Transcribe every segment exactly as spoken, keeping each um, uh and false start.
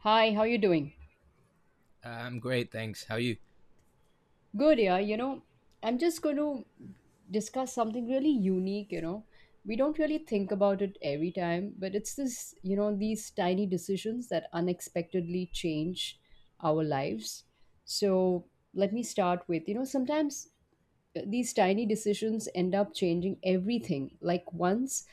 Hi, how you doing? Uh, I'm great, thanks. How are you? Good, yeah. You know, I'm just going to discuss something really unique, you know. We don't really think about it every time, but it's this, you know, these tiny decisions that unexpectedly change our lives. So, let me start with, you know, sometimes these tiny decisions end up changing everything. Like once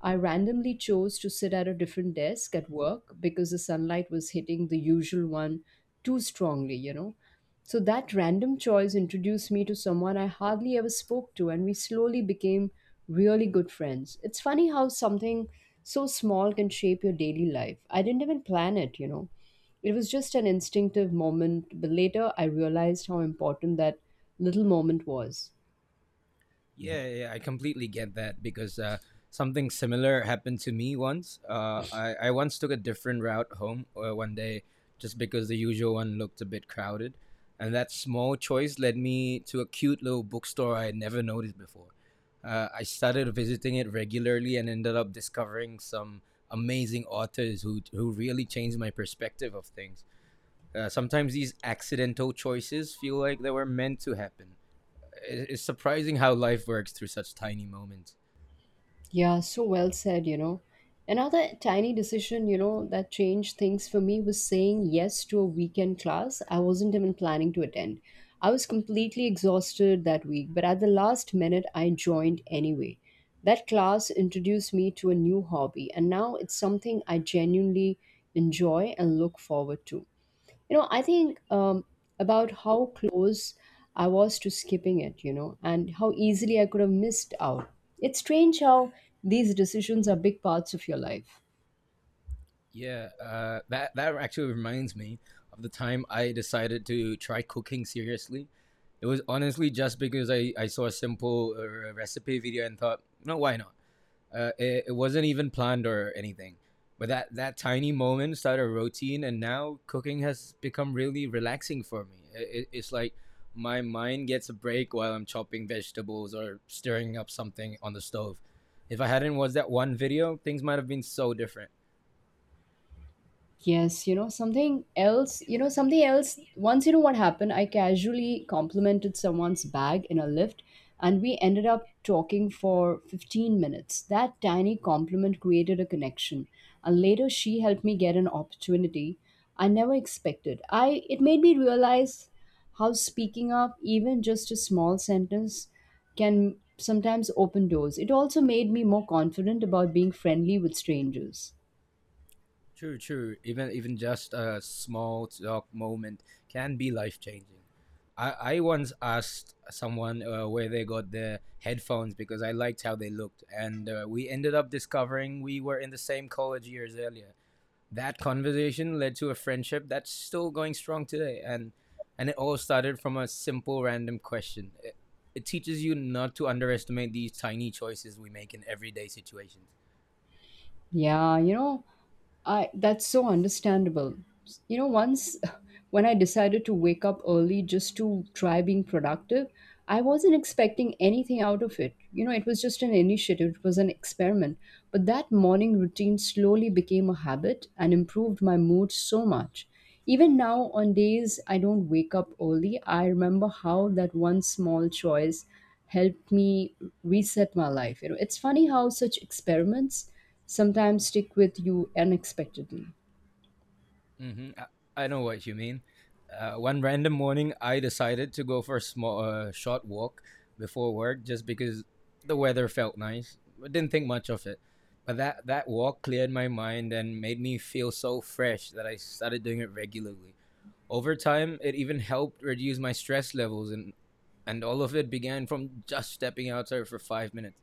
I randomly chose to sit at a different desk at work because the sunlight was hitting the usual one too strongly, you know. So that random choice introduced me to someone I hardly ever spoke to, and we slowly became really good friends. It's funny how something so small can shape your daily life. I didn't even plan it, you know. It was just an instinctive moment, but later I realized how important that little moment was. Yeah, yeah, I completely get that because uh, something similar happened to me once. Uh, I, I once took a different route home uh, one day just because the usual one looked a bit crowded. And that small choice led me to a cute little bookstore I had never noticed before. Uh, I started visiting it regularly and ended up discovering some amazing authors who, who really changed my perspective of things. Uh, sometimes these accidental choices feel like they were meant to happen. It's surprising how life works through such tiny moments. Yeah, so well said, you know. Another tiny decision, you know, that changed things for me was saying yes to a weekend class I wasn't even planning to attend. I was completely exhausted that week, but at the last minute, I joined anyway. That class introduced me to a new hobby, and now it's something I genuinely enjoy and look forward to. you know I think um, about how close I was to skipping it you know and how easily I could have missed out. It's strange how these decisions are big parts of your life. Yeah, uh, that that actually reminds me of the time I decided to try cooking seriously. It was honestly just because I, I saw a simple uh, recipe video and thought, no, why not? Uh, it, it wasn't even planned or anything. But that, that tiny moment started a routine, and now cooking has become really relaxing for me. It, it's like my mind gets a break while I'm chopping vegetables or stirring up something on the stove. If I hadn't watched that one video, things might have been so different. Yes, you know, something else, you know, something else. Once, you know, what happened, I casually complimented someone's bag in a lift and we ended up talking for fifteen minutes. That tiny compliment created a connection. And later, she helped me get an opportunity I never expected. I It made me realize how speaking up, even just a small sentence, can sometimes open doors. It also made me more confident about being friendly with strangers. True, true. Even even just a small talk moment can be life changing. I, I once asked someone uh, where they got their headphones because I liked how they looked, and uh, we ended up discovering we were in the same college years earlier. That conversation led to a friendship that's still going strong today, and and it all started from a simple random question. It, it teaches you not to underestimate these tiny choices we make in everyday situations. Yeah, you know, I that's so understandable. You know, once when I decided to wake up early just to try being productive, I wasn't expecting anything out of it. You know, it was just an initiative, it was an experiment. But that morning routine slowly became a habit and improved my mood so much. Even now, on days I don't wake up early, I remember how that one small choice helped me reset my life. You know, it's funny how such experiments sometimes stick with you unexpectedly. hmm I, I know what you mean. Uh, one random morning, I decided to go for a small, uh, short walk before work just because the weather felt nice. I didn't think much of it. But that, that walk cleared my mind and made me feel so fresh that I started doing it regularly. Over time, it even helped reduce my stress levels, and, and all of it began from just stepping outside for five minutes.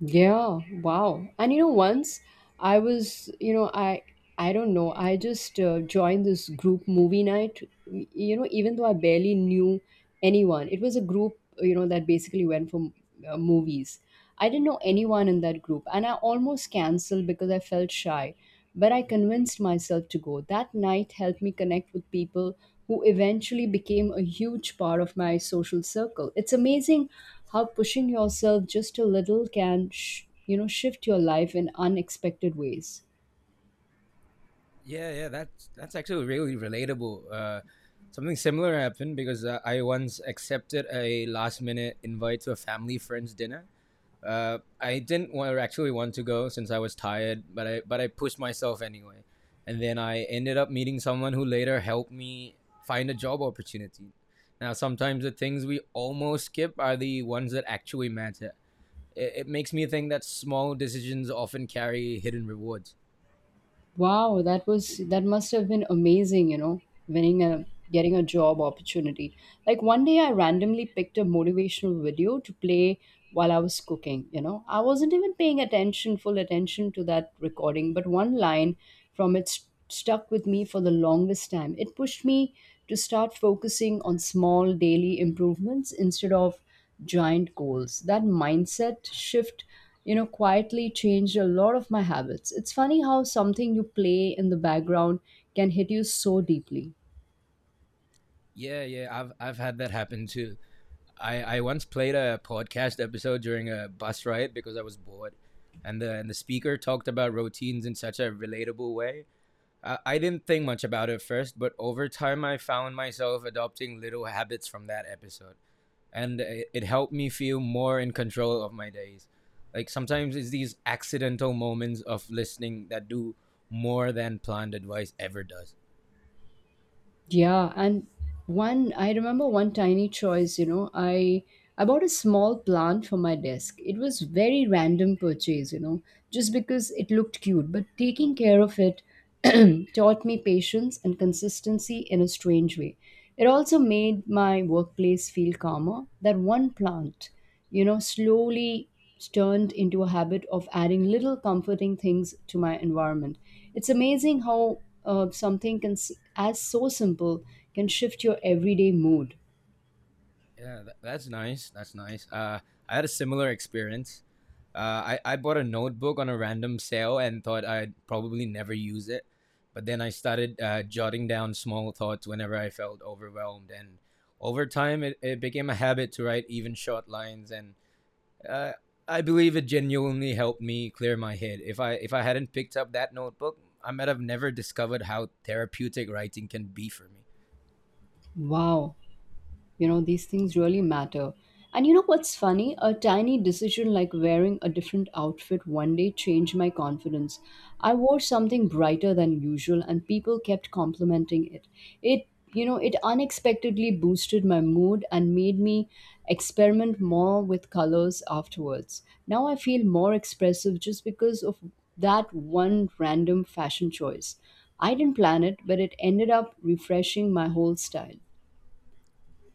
Yeah, wow. And you know once I was you know I I don't know I just uh, joined this group movie night, y- you know even though I barely knew anyone. It was a group you know that basically went for uh, movies. I didn't know anyone in that group and I almost canceled because I felt shy, but I convinced myself to go. That night helped me connect with people who eventually became a huge part of my social circle. It's amazing how pushing yourself just a little can, sh- you know, shift your life in unexpected ways. Yeah, yeah, that's that's actually really relatable. Uh, something similar happened because uh, I once accepted a last minute invite to a family friends dinner. Uh, I didn't want, actually want to go since I was tired, but I but I pushed myself anyway, and then I ended up meeting someone who later helped me find a job opportunity. Now, sometimes the things we almost skip are the ones that actually matter. It, it makes me think that small decisions often carry hidden rewards. Wow, that was that must have been amazing, you know, winning a getting a job opportunity. Like one day I randomly picked a motivational video to play while I was cooking, you know. I wasn't even paying attention, full attention to that recording, but one line from it st- stuck with me for the longest time. It pushed me to start focusing on small daily improvements instead of giant goals. That mindset shift, you know, quietly changed a lot of my habits. It's funny how something you play in the background can hit you so deeply. Yeah, yeah, I've I've had that happen too. I, I once played a podcast episode during a bus ride because I was bored, and the and the speaker talked about routines in such a relatable way. I, I didn't think much about it first, but over time I found myself adopting little habits from that episode, and it, it helped me feel more in control of my days. Like sometimes it's these accidental moments of listening that do more than planned advice ever does. Yeah, and one I remember one tiny choice, you know, I I bought a small plant for my desk. It was very random purchase, you know, just because it looked cute, but taking care of it taught me patience and consistency in a strange way. It also made my workplace feel calmer. That one plant, you know, slowly turned into a habit of adding little comforting things to my environment. It's amazing how uh, something can, s- as so simple, can shift your everyday mood. Yeah, tha- that's nice. That's nice. Uh, I had a similar experience. Uh, I, I bought a notebook on a random sale and thought I'd probably never use it. But then I started uh, jotting down small thoughts whenever I felt overwhelmed. And over time, it, it became a habit to write even short lines. And uh, I believe it genuinely helped me clear my head. If I, if I hadn't picked up that notebook, I might have never discovered how therapeutic writing can be for me. Wow. You know, these things really matter. And you know what's funny? A tiny decision like wearing a different outfit one day changed my confidence. I wore something brighter than usual and people kept complimenting it. It, you know, it unexpectedly boosted my mood and made me experiment more with colors afterwards. Now I feel more expressive just because of that one random fashion choice. I didn't plan it, but it ended up refreshing my whole style.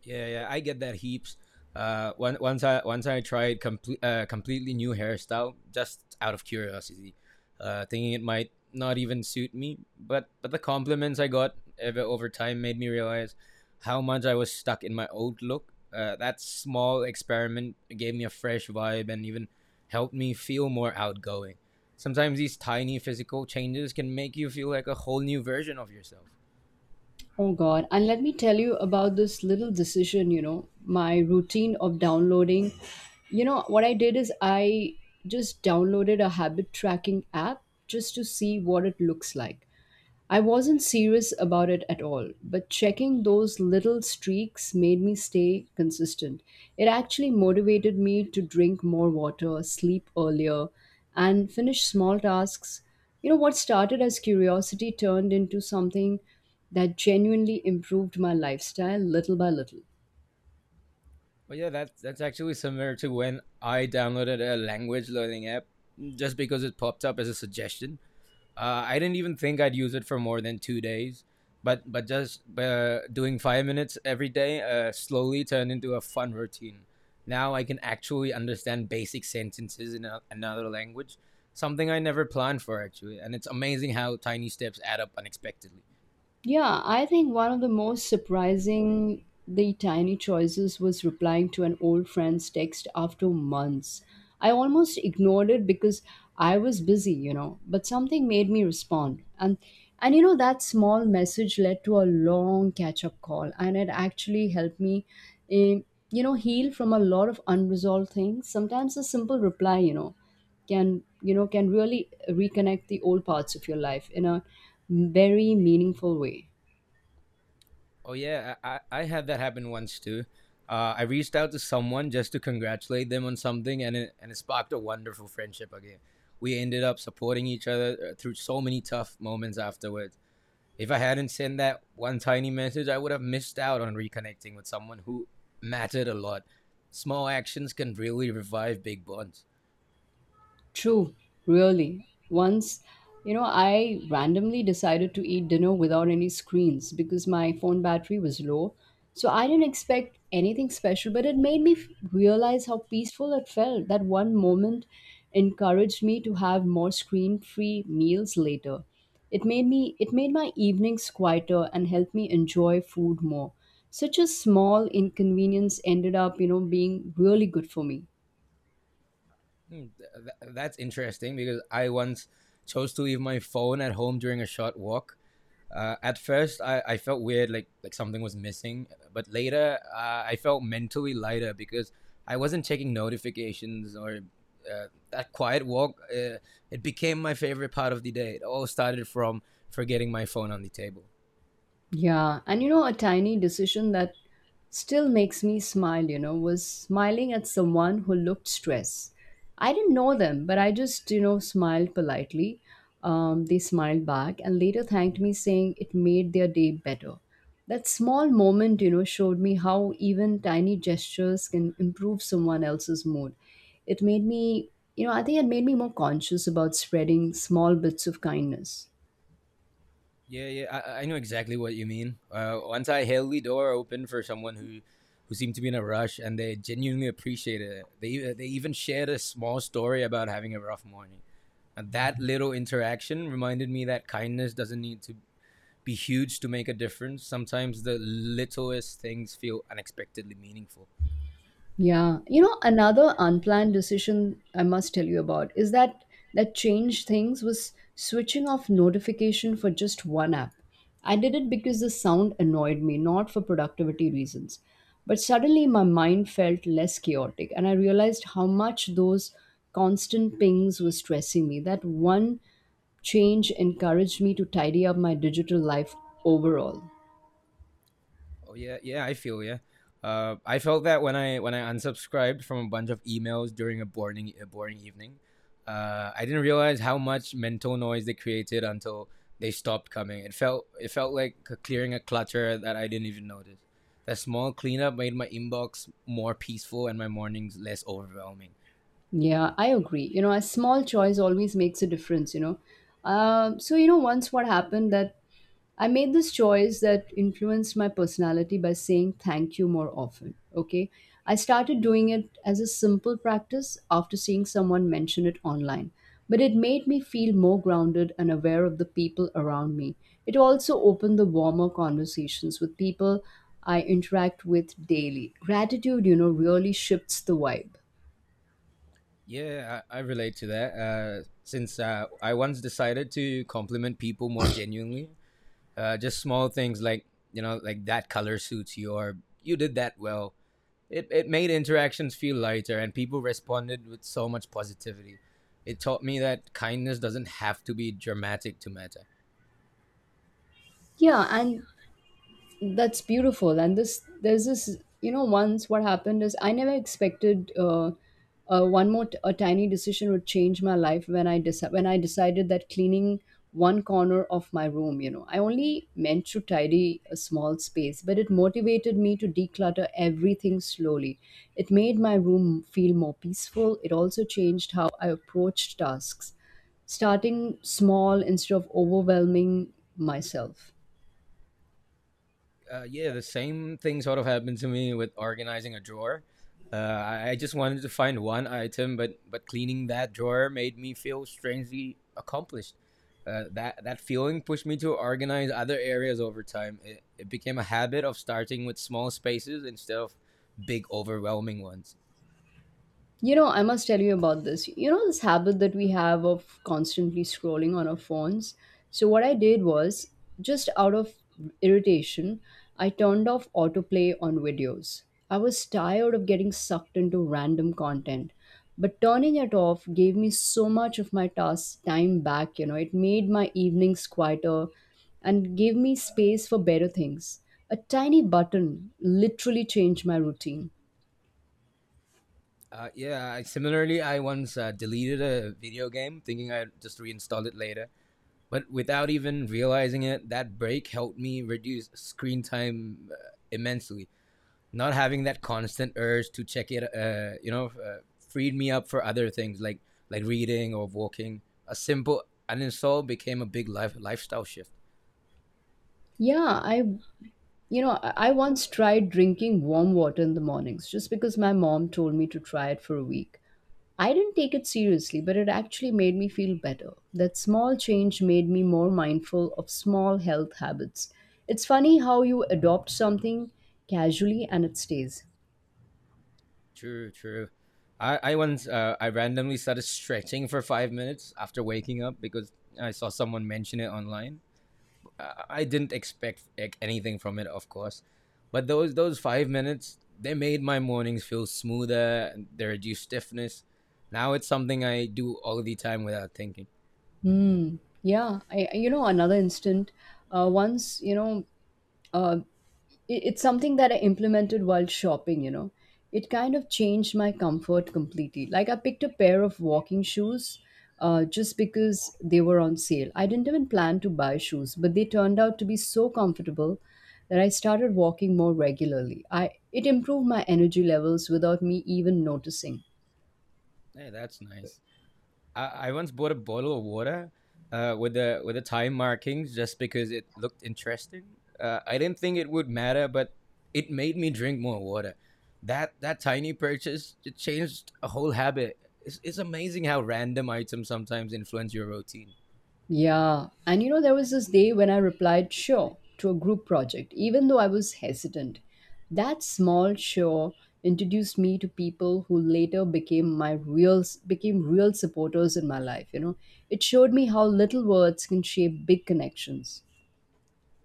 Yeah, yeah, I get that heaps. Uh, one, once I once I tried complete uh, completely new hairstyle just out of curiosity, uh, thinking it might not even suit me. But but the compliments I got ever over time made me realize how much I was stuck in my old look. Uh, that small experiment gave me a fresh vibe and even helped me feel more outgoing. Sometimes these tiny physical changes can make you feel like a whole new version of yourself. Oh God. And let me tell you about this little decision, you know, my routine of downloading. You know, what I did is I just downloaded a habit tracking app just to see what it looks like. I wasn't serious about it at all, but checking those little streaks made me stay consistent. It actually motivated me to drink more water, sleep earlier, and finish small tasks. You know, what started as curiosity turned into something that genuinely improved my lifestyle little by little. Well, yeah, that's that's actually similar to when I downloaded a language learning app just because it popped up as a suggestion. Uh, I didn't even think I'd use it for more than two days, but but just uh, doing five minutes every day uh, slowly turned into a fun routine. Now I can actually understand basic sentences in a, another language, something I never planned for actually, and it's amazing how tiny steps add up unexpectedly. Yeah, I think one of the most surprising the tiny choices was replying to an old friend's text after months. I almost ignored it because I was busy, you know, but something made me respond. And and you know that small message led to a long catch-up call and it actually helped me eh, you know heal from a lot of unresolved things. Sometimes a simple reply, you know, can you know can really reconnect the old parts of your life in a very meaningful way. Oh yeah, I I I had that happen once too. Uh, I reached out to someone just to congratulate them on something, and it and it sparked a wonderful friendship again. We ended up supporting each other uh, through so many tough moments afterwards. If I hadn't sent that one tiny message, I would have missed out on reconnecting with someone who mattered a lot. Small actions can really revive big bonds. True, really. Once, you know, I randomly decided to eat dinner without any screens because my phone battery was low. So I didn't expect anything special, but it made me f- realize how peaceful it felt. That one moment encouraged me to have more screen-free meals later. It made me it made my evenings quieter and helped me enjoy food more. Such a small inconvenience ended up, you know, being really good for me. Hmm, th- th- that's interesting because I once chose to leave my phone at home during a short walk. Uh, at first, I, I felt weird, like like something was missing. But later, uh, I felt mentally lighter because I wasn't checking notifications or uh, that quiet walk. Uh, it became my favorite part of the day. It all started from forgetting my phone on the table. Yeah, and you know, a tiny decision that still makes me smile, you know, was smiling at someone who looked stressed. I didn't know them, but I just, you know, smiled politely. Um, they smiled back and later thanked me, saying it made their day better. That small moment, you know, showed me how even tiny gestures can improve someone else's mood. It made me, you know, I think it made me more conscious about spreading small bits of kindness. Yeah, yeah, I, I know exactly what you mean. Uh, once I held the door open for someone who, who seemed to be in a rush, and they genuinely appreciated it. They they even shared a small story about having a rough morning, and that little interaction reminded me that kindness doesn't need to be huge to make a difference. Sometimes the littlest things feel unexpectedly meaningful. Yeah. You know, another unplanned decision I must tell you about is that that changed things was switching off notification for just one app. I did it because the sound annoyed me, not for productivity reasons. But suddenly my mind felt less chaotic and I realized how much those constant pings were stressing me. That one change encouraged me to tidy up my digital life overall. Oh yeah, yeah, I feel yeah. Uh, I felt that when I when I unsubscribed from a bunch of emails during a boring a boring evening, uh, I didn't realize how much mental noise they created until they stopped coming. It felt it felt like c- clearing a clutter that I didn't even notice. That small cleanup made my inbox more peaceful and my mornings less overwhelming. Yeah, I agree. You know, a small choice always makes a difference, you know. Um, so, you know, once what happened that I made this choice that influenced my personality by saying thank you more often. Okay. I started doing it as a simple practice after seeing someone mention it online. But it made me feel more grounded and aware of the people around me. It also opened the warmer conversations with people I interact with daily. Gratitude, you know, really shifts the vibe. Yeah, I, I relate to that. Uh, since uh, I once decided to compliment people more genuinely, uh, just small things like, you know, like that color suits you or you did that well. it, it made interactions feel lighter and people responded with so much positivity. It taught me that kindness doesn't have to be dramatic to matter. Yeah, and that's beautiful. And this there's this you know once what happened is I never expected uh, uh one more t- a tiny decision would change my life when i deci- when I decided that cleaning one corner of my room you know I only meant to tidy a small space, but it motivated me to declutter everything slowly. It made my room feel more peaceful. It also changed how I approached tasks, starting small instead of overwhelming myself. Uh, yeah, the same thing sort of happened to me with organizing a drawer. Uh, I I just wanted to find one item, but but cleaning that drawer made me feel strangely accomplished. Uh, that that feeling pushed me to organize other areas over time. It, it became a habit of starting with small spaces instead of big overwhelming ones. You know, I must tell you about this. You know, this habit that we have of constantly scrolling on our phones. So, what I did was just out of irritation, I turned off autoplay on videos. I was tired of getting sucked into random content, but turning it off gave me so much of my task time back. You know, it made my evenings quieter and gave me space for better things. A tiny button literally changed my routine. Uh, yeah, I, similarly, I once uh, deleted a video game thinking I'd just reinstall it later. But without even realizing it, that break helped me reduce screen time uh, immensely. Not having that constant urge to check it, uh, you know, uh, freed me up for other things like like reading or walking. A simple uninstall became a big life lifestyle shift. Yeah, I You know, I I once tried drinking warm water in the mornings just because my mom told me to try it for a week. I didn't take it seriously, but it actually made me feel better. That small change made me more mindful of small health habits. It's funny how you adopt something casually and it stays. True, true. I, I once uh, I randomly started stretching for five minutes after waking up because I saw someone mention it online. I I didn't expect, like, anything from it, of course, but those those five minutes, they made my mornings feel smoother. And they reduced stiffness. Now it's something I do all the time without thinking. Hmm. Yeah. I, I- you know, another instant. Uh, once, you know, uh, it- it's something that I implemented while shopping, you know. It kind of changed my comfort completely. Like I picked a pair of walking shoes uh, just because they were on sale. I didn't even plan to buy shoes, but they turned out to be so comfortable that I started walking more regularly. I It improved my energy levels without me even noticing. Hey, that's nice. I, I once bought a bottle of water uh, with the with the time markings just because it looked interesting. Uh, I didn't think it would matter, but it made me drink more water. That that tiny purchase it changed a whole habit. It's, it's amazing how random items sometimes influence your routine. Yeah. And you know, there was this day when I replied, sure, to a group project, even though I was hesitant. That small sure introduced me to people who later became my real became real supporters in my life you know It showed me how little words can shape big connections.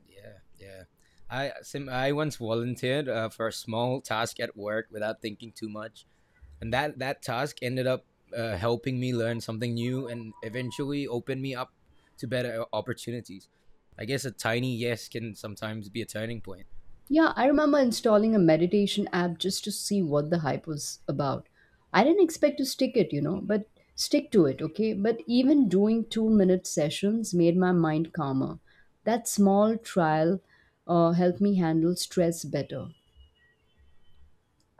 Yeah, yeah. I sim I once volunteered uh, for a small task at work without thinking too much, and that that task ended up uh, helping me learn something new and eventually open me up to better uh, opportunities. I guess a tiny yes can sometimes be a turning point. Yeah, I remember installing a meditation app just to see what the hype was about. I didn't expect to stick it, you know, but stick to it, okay? But even doing two minute sessions made my mind calmer. That small trial uh, helped me handle stress better.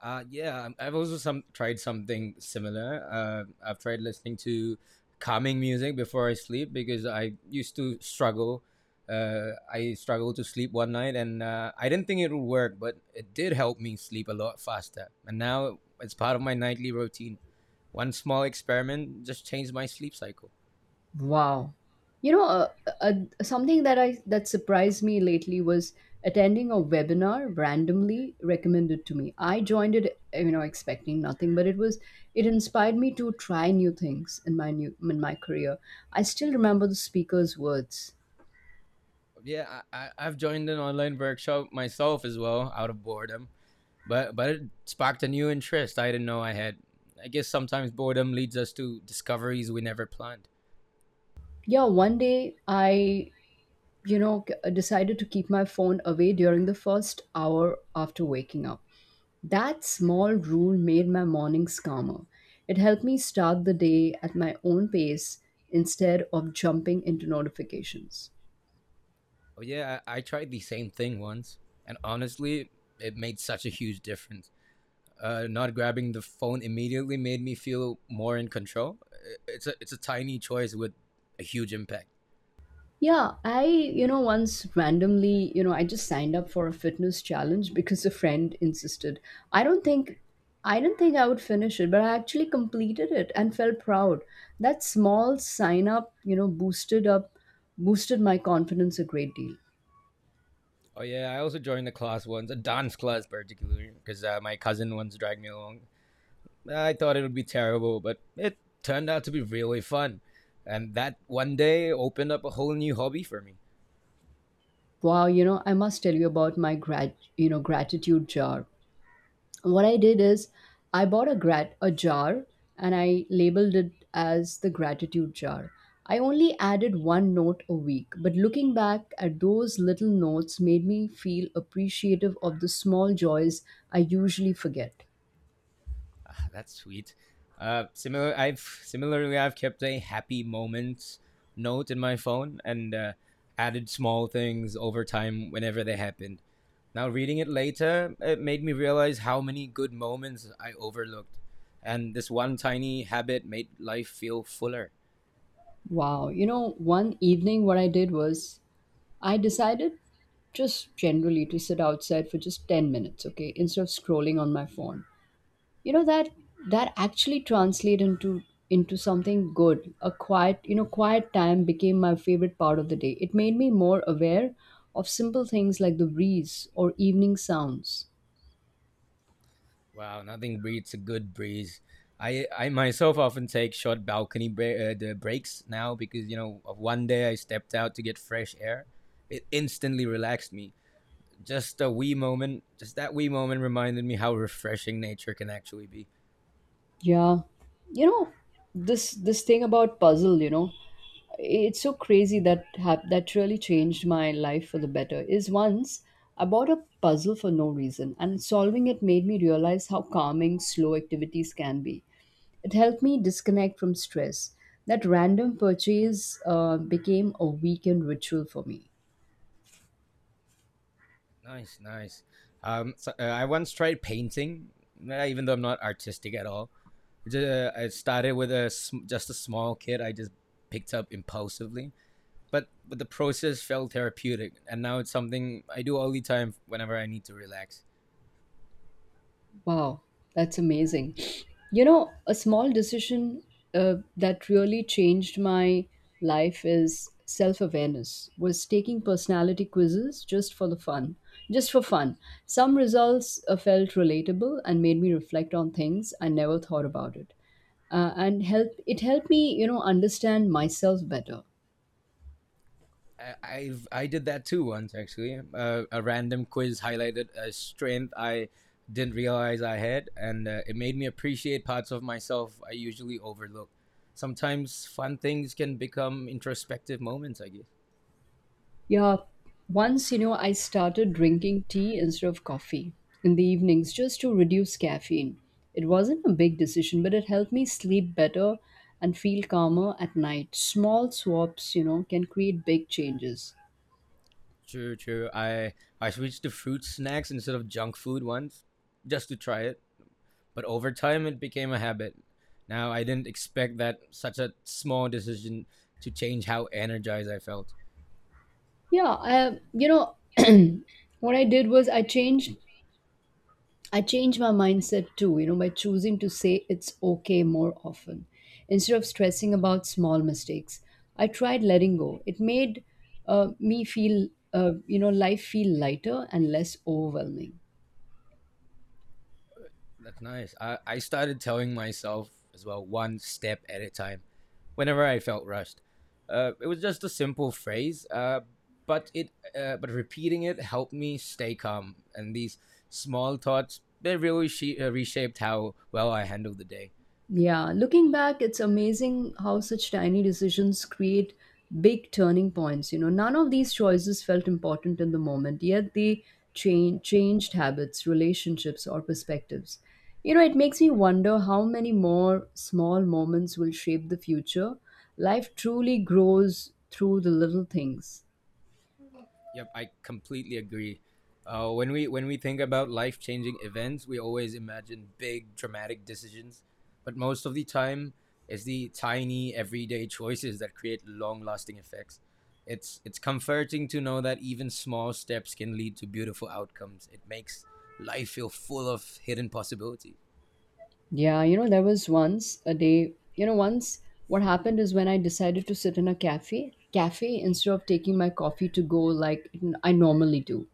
Uh, yeah, um, I've also some tried something similar. Uh, I've tried listening to calming music before I sleep because I used to struggle. Uh, I struggled to sleep one night, and uh, I didn't think it would work, but it did help me sleep a lot faster. And now it's part of my nightly routine. One small experiment just changed my sleep cycle. Wow. You know, uh, uh, uh, Something that I that surprised me lately was attending a webinar randomly recommended to me. I joined it, you know, expecting nothing, but it was it inspired me to try new things in my new in my career. I still remember the speaker's words. Yeah, I, I, I've joined an online workshop myself as well out of boredom. but but it sparked a new interest. I didn't know I had. I guess sometimes boredom leads us to discoveries we never planned. Yeah, one day I, you know, c- decided to keep my phone away during the first hour after waking up. That small rule made my mornings calmer. It helped me start the day at my own pace instead of jumping into notifications. Oh yeah, i, I tried the same thing once, and honestly it made such a huge difference. Uh, not grabbing the phone immediately made me feel more in control. It's a it's a tiny choice with a huge impact. Yeah, I, you know, once randomly, you know, I just signed up for a fitness challenge because a friend insisted. I don't think I didn't think I would finish it, but I actually completed it and felt proud. That small sign up, you know, boosted up boosted my confidence a great deal. Oh yeah, I also joined a class once, a dance class particularly, because uh, my cousin once dragged me along. I thought it would be terrible, but it turned out to be really fun. And that one day opened up a whole new hobby for me. Wow, you know, I must tell you about my grat, you know, gratitude jar. What I did is I bought a grat a jar and I labeled it as the gratitude jar. I only added one note a week, but looking back at those little notes made me feel appreciative of the small joys I usually forget. Ah, that's sweet. Uh, similar, I've similarly I've kept a happy moments note in my phone, and uh, added small things over time whenever they happened. Now reading it later, it made me realize how many good moments I overlooked, and this one tiny habit made life feel fuller. Wow, you know, one evening what I did was I decided just generally to sit outside for just ten minutes, okay, instead of scrolling on my phone. you know that that actually translated into into something good. A quiet you know quiet time became my favorite part of the day. It made me more aware of simple things like the breeze or evening sounds. Wow, nothing beats a good breeze. I I myself often take short balcony bre- uh, the breaks now because you know of one day I stepped out to get fresh air. It instantly relaxed me. Just a wee moment, just that wee moment reminded me how refreshing nature can actually be. Yeah. You know this this thing about puzzle you know it's so crazy Mhm. that hap- that really changed my life for the better is once I bought a puzzle for no reason, and solving it made me realize how calming slow activities can be. It helped me disconnect from stress. That random purchase uh, became a weekend ritual for me. Nice, nice. Um, so, uh, I once tried painting, uh, even though I'm not artistic at all. Ju- uh, I started with a sm- just a small kit I just picked up impulsively. but but the process felt therapeutic, and now it's something I do all the time whenever I need to relax. Wow, that's amazing. You know, a small decision uh, that really changed my life is self-awareness. Was taking personality quizzes just for the fun, just for fun. Some results uh, felt relatable and made me reflect on things I never thought about it, uh, and help. It helped me, you know, understand myself better. I I've, I did that too once actually. Uh, a random quiz highlighted a strength I didn't realize I had, and uh, it made me appreciate parts of myself I usually overlook. Sometimes fun things can become introspective moments, I guess. Yeah, once, you know, I started drinking tea instead of coffee in the evenings just to reduce caffeine. It wasn't a big decision, but it helped me sleep better and feel calmer at night. Small swaps, you know, can create big changes. True, true. I I switched to fruit snacks instead of junk food once, just to try it. but over time it became a habit. Now I didn't expect that such a small decision to change how energized I felt. Yeah, I, you know, what I did was I changed I changed my mindset too, you know, by choosing to say it's okay more often. Instead of stressing about small mistakes, I tried letting go. It made uh, me feel, uh, you know, life feel lighter and less overwhelming. That's nice. I, I started telling myself as well, one step at a time, whenever I felt rushed. Uh, it was just a simple phrase, uh, but it uh, but repeating it helped me stay calm. And these small thoughts, they really she- uh, reshaped how well I handled the day. Yeah, looking back, it's amazing how such tiny decisions create big turning points. You know, none of these choices felt important in the moment, yet they change, changed habits, relationships, or perspectives. You know, it makes me wonder how many more small moments will shape the future. Life truly grows through the little things. Yep, I completely agree. Uh, when we when we think about life changing events, we always imagine big dramatic decisions, but most of the time, it's the tiny everyday choices that create long lasting effects. It's it's comforting to know that even small steps can lead to beautiful outcomes. It makes life feel full of hidden possibilities. Yeah, you know, there was once a day, you know, once what happened is when I decided to sit in a cafe, cafe instead of taking my coffee to go like n- I normally do.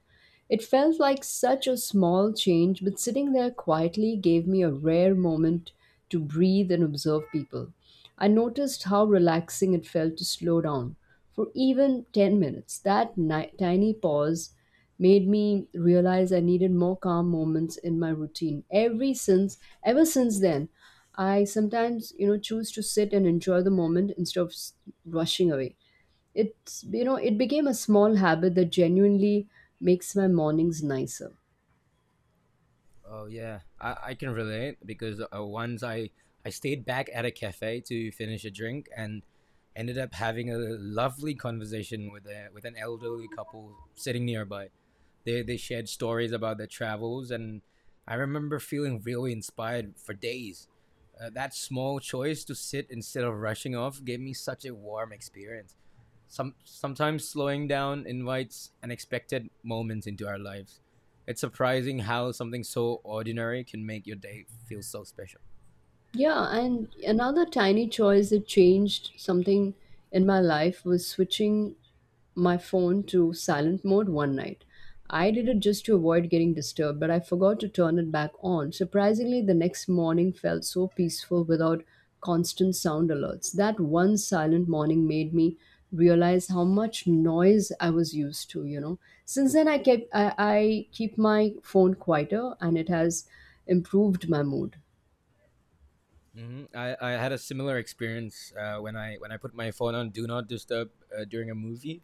It felt like such a small change, but sitting there quietly gave me a rare moment to breathe and observe people. I noticed how relaxing it felt to slow down for even ten minutes. That ni- tiny pause made me realize I needed more calm moments in my routine. Every since ever since then, I sometimes, you know, choose to sit and enjoy the moment instead of s- rushing away. It's, you know, it became a small habit that genuinely makes my mornings nicer. Oh yeah, I, I can relate because uh, once I I stayed back at a cafe to finish a drink and ended up having a lovely conversation with a with an elderly couple sitting nearby. They they shared stories about their travels, and I remember feeling really inspired for days. Uh, that small choice to sit instead of rushing off gave me such a warm experience. Some sometimes slowing down invites unexpected moments into our lives. It's surprising how something so ordinary can make your day feel so special. Yeah, and another tiny choice that changed something in my life was switching my phone to silent mode one night. I did it just to avoid getting disturbed, but I forgot to turn it back on. Surprisingly, the next morning felt so peaceful without constant sound alerts. That one silent morning made me realize how much noise I was used to, you know. Since then I kept I, I keep my phone quieter and it has improved my mood. Hmm. I, I had a similar experience uh, when I when I put my phone on Do Not Disturb uh, during a movie.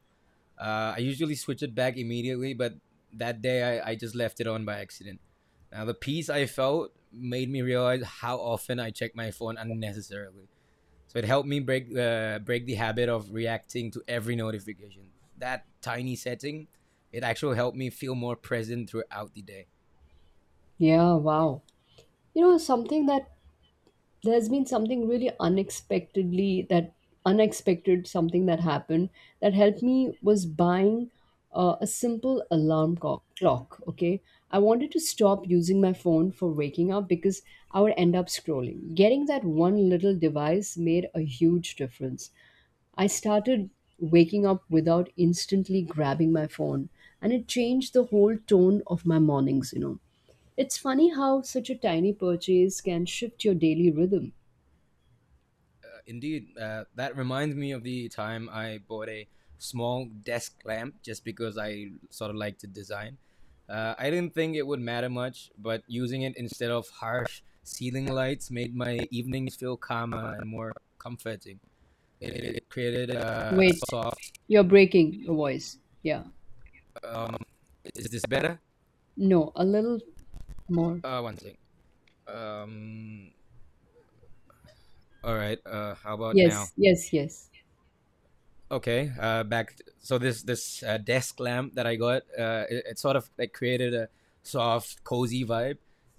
Uh, I usually switch it back immediately, but that day I, I just left it on by accident. Now, the peace I felt made me realize how often I check my phone unnecessarily. So it helped me break the break the habit of reacting to every notification. That tiny setting, it actually helped me feel more present throughout the day. Yeah, wow. you know something that There's been something really unexpectedly that unexpected. Something that happened that helped me was buying uh, a simple alarm co- clock, okay? I wanted to stop using my phone for waking up because I would end up scrolling. Getting that one little device made a huge difference. I started waking up without instantly grabbing my phone, and it changed the whole tone of my mornings, you know. It's funny how such a tiny purchase can shift your daily rhythm. Uh, indeed, uh, that reminds me of the time I bought a small desk lamp just because I sort of like to design. Uh, I didn't think it would matter much, but using it instead of harsh ceiling lights made my evenings feel calmer and more comforting. It, it, it created a Wait, soft. you're breaking your voice. Yeah. Um, is this better? No, a little more. Uh, one thing. Um, all right. Uh, how about Yes, now? yes, yes. Okay, uh back. So this this uh, desk lamp that I got, uh it, it sort of like created a soft cozy vibe,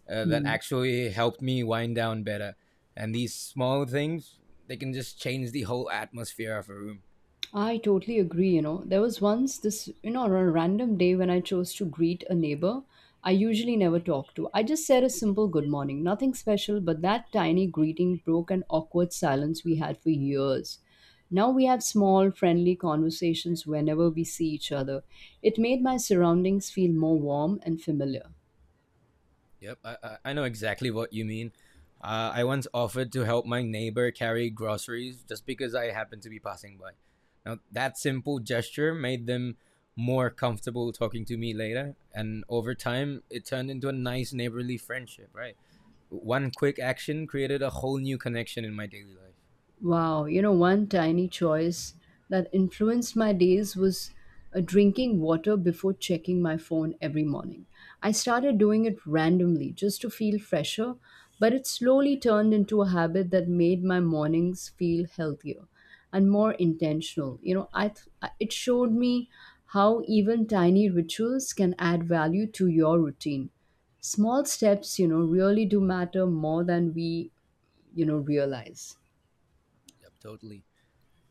uh, that Hmm. actually helped me wind down better. And these small things, they can just change the whole atmosphere of a room. I totally agree. You know, there was once this, you know, on a random day when I chose to greet a neighbor I usually never talk to. I just said a simple good morning, nothing special, but that tiny greeting broke an awkward silence we had for years. Now we have small, friendly conversations whenever we see each other. It made my surroundings feel more warm and familiar. Yep, I, I- I know exactly what you mean. Uh, I once offered to help my neighbor carry groceries just because I happened to be passing by. Now, that simple gesture made them more comfortable talking to me later, and over time, it turned into a nice neighborly friendship, right? One quick action created a whole new connection in my daily life. Wow, you know, one tiny choice that influenced my days was uh, drinking water before checking my phone every morning. I started doing it randomly just to feel fresher, but it slowly turned into a habit that made my mornings feel healthier and more intentional. You know, I th- I- it showed me how even tiny rituals can add value to your routine. Small steps, you know, really do matter more than we, you know, realize. Yep, totally.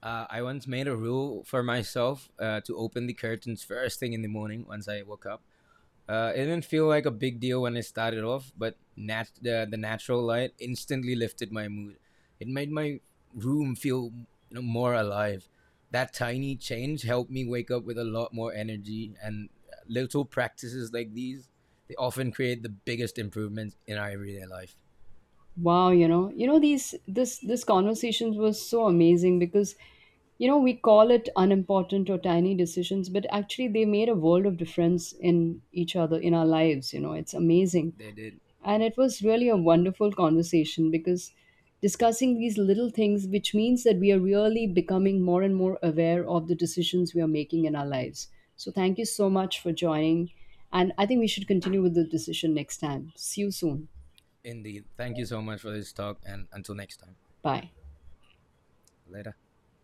Uh, I once made a rule for myself uh, to open the curtains first thing in the morning once I woke up. Uh, it didn't feel like a big deal when I started off, but nat- the, the natural light instantly lifted my mood. It made my room feel, you know, more alive. That tiny change helped me wake up with a lot more energy, and little practices like these, they often create the biggest improvements in our everyday life. Wow, you know, you know these this this conversations was so amazing because you know we call it unimportant or tiny decisions, but actually they made a world of difference in each other in our lives, you know. It's amazing. They did And it was really a wonderful conversation because discussing these little things which means that we are really becoming more and more aware of the decisions we are making in our lives. So thank you so much for joining and I think we should continue with the decision next time. See you soon. indeed. Thank you so much for this talk, and until next time, Bye. later.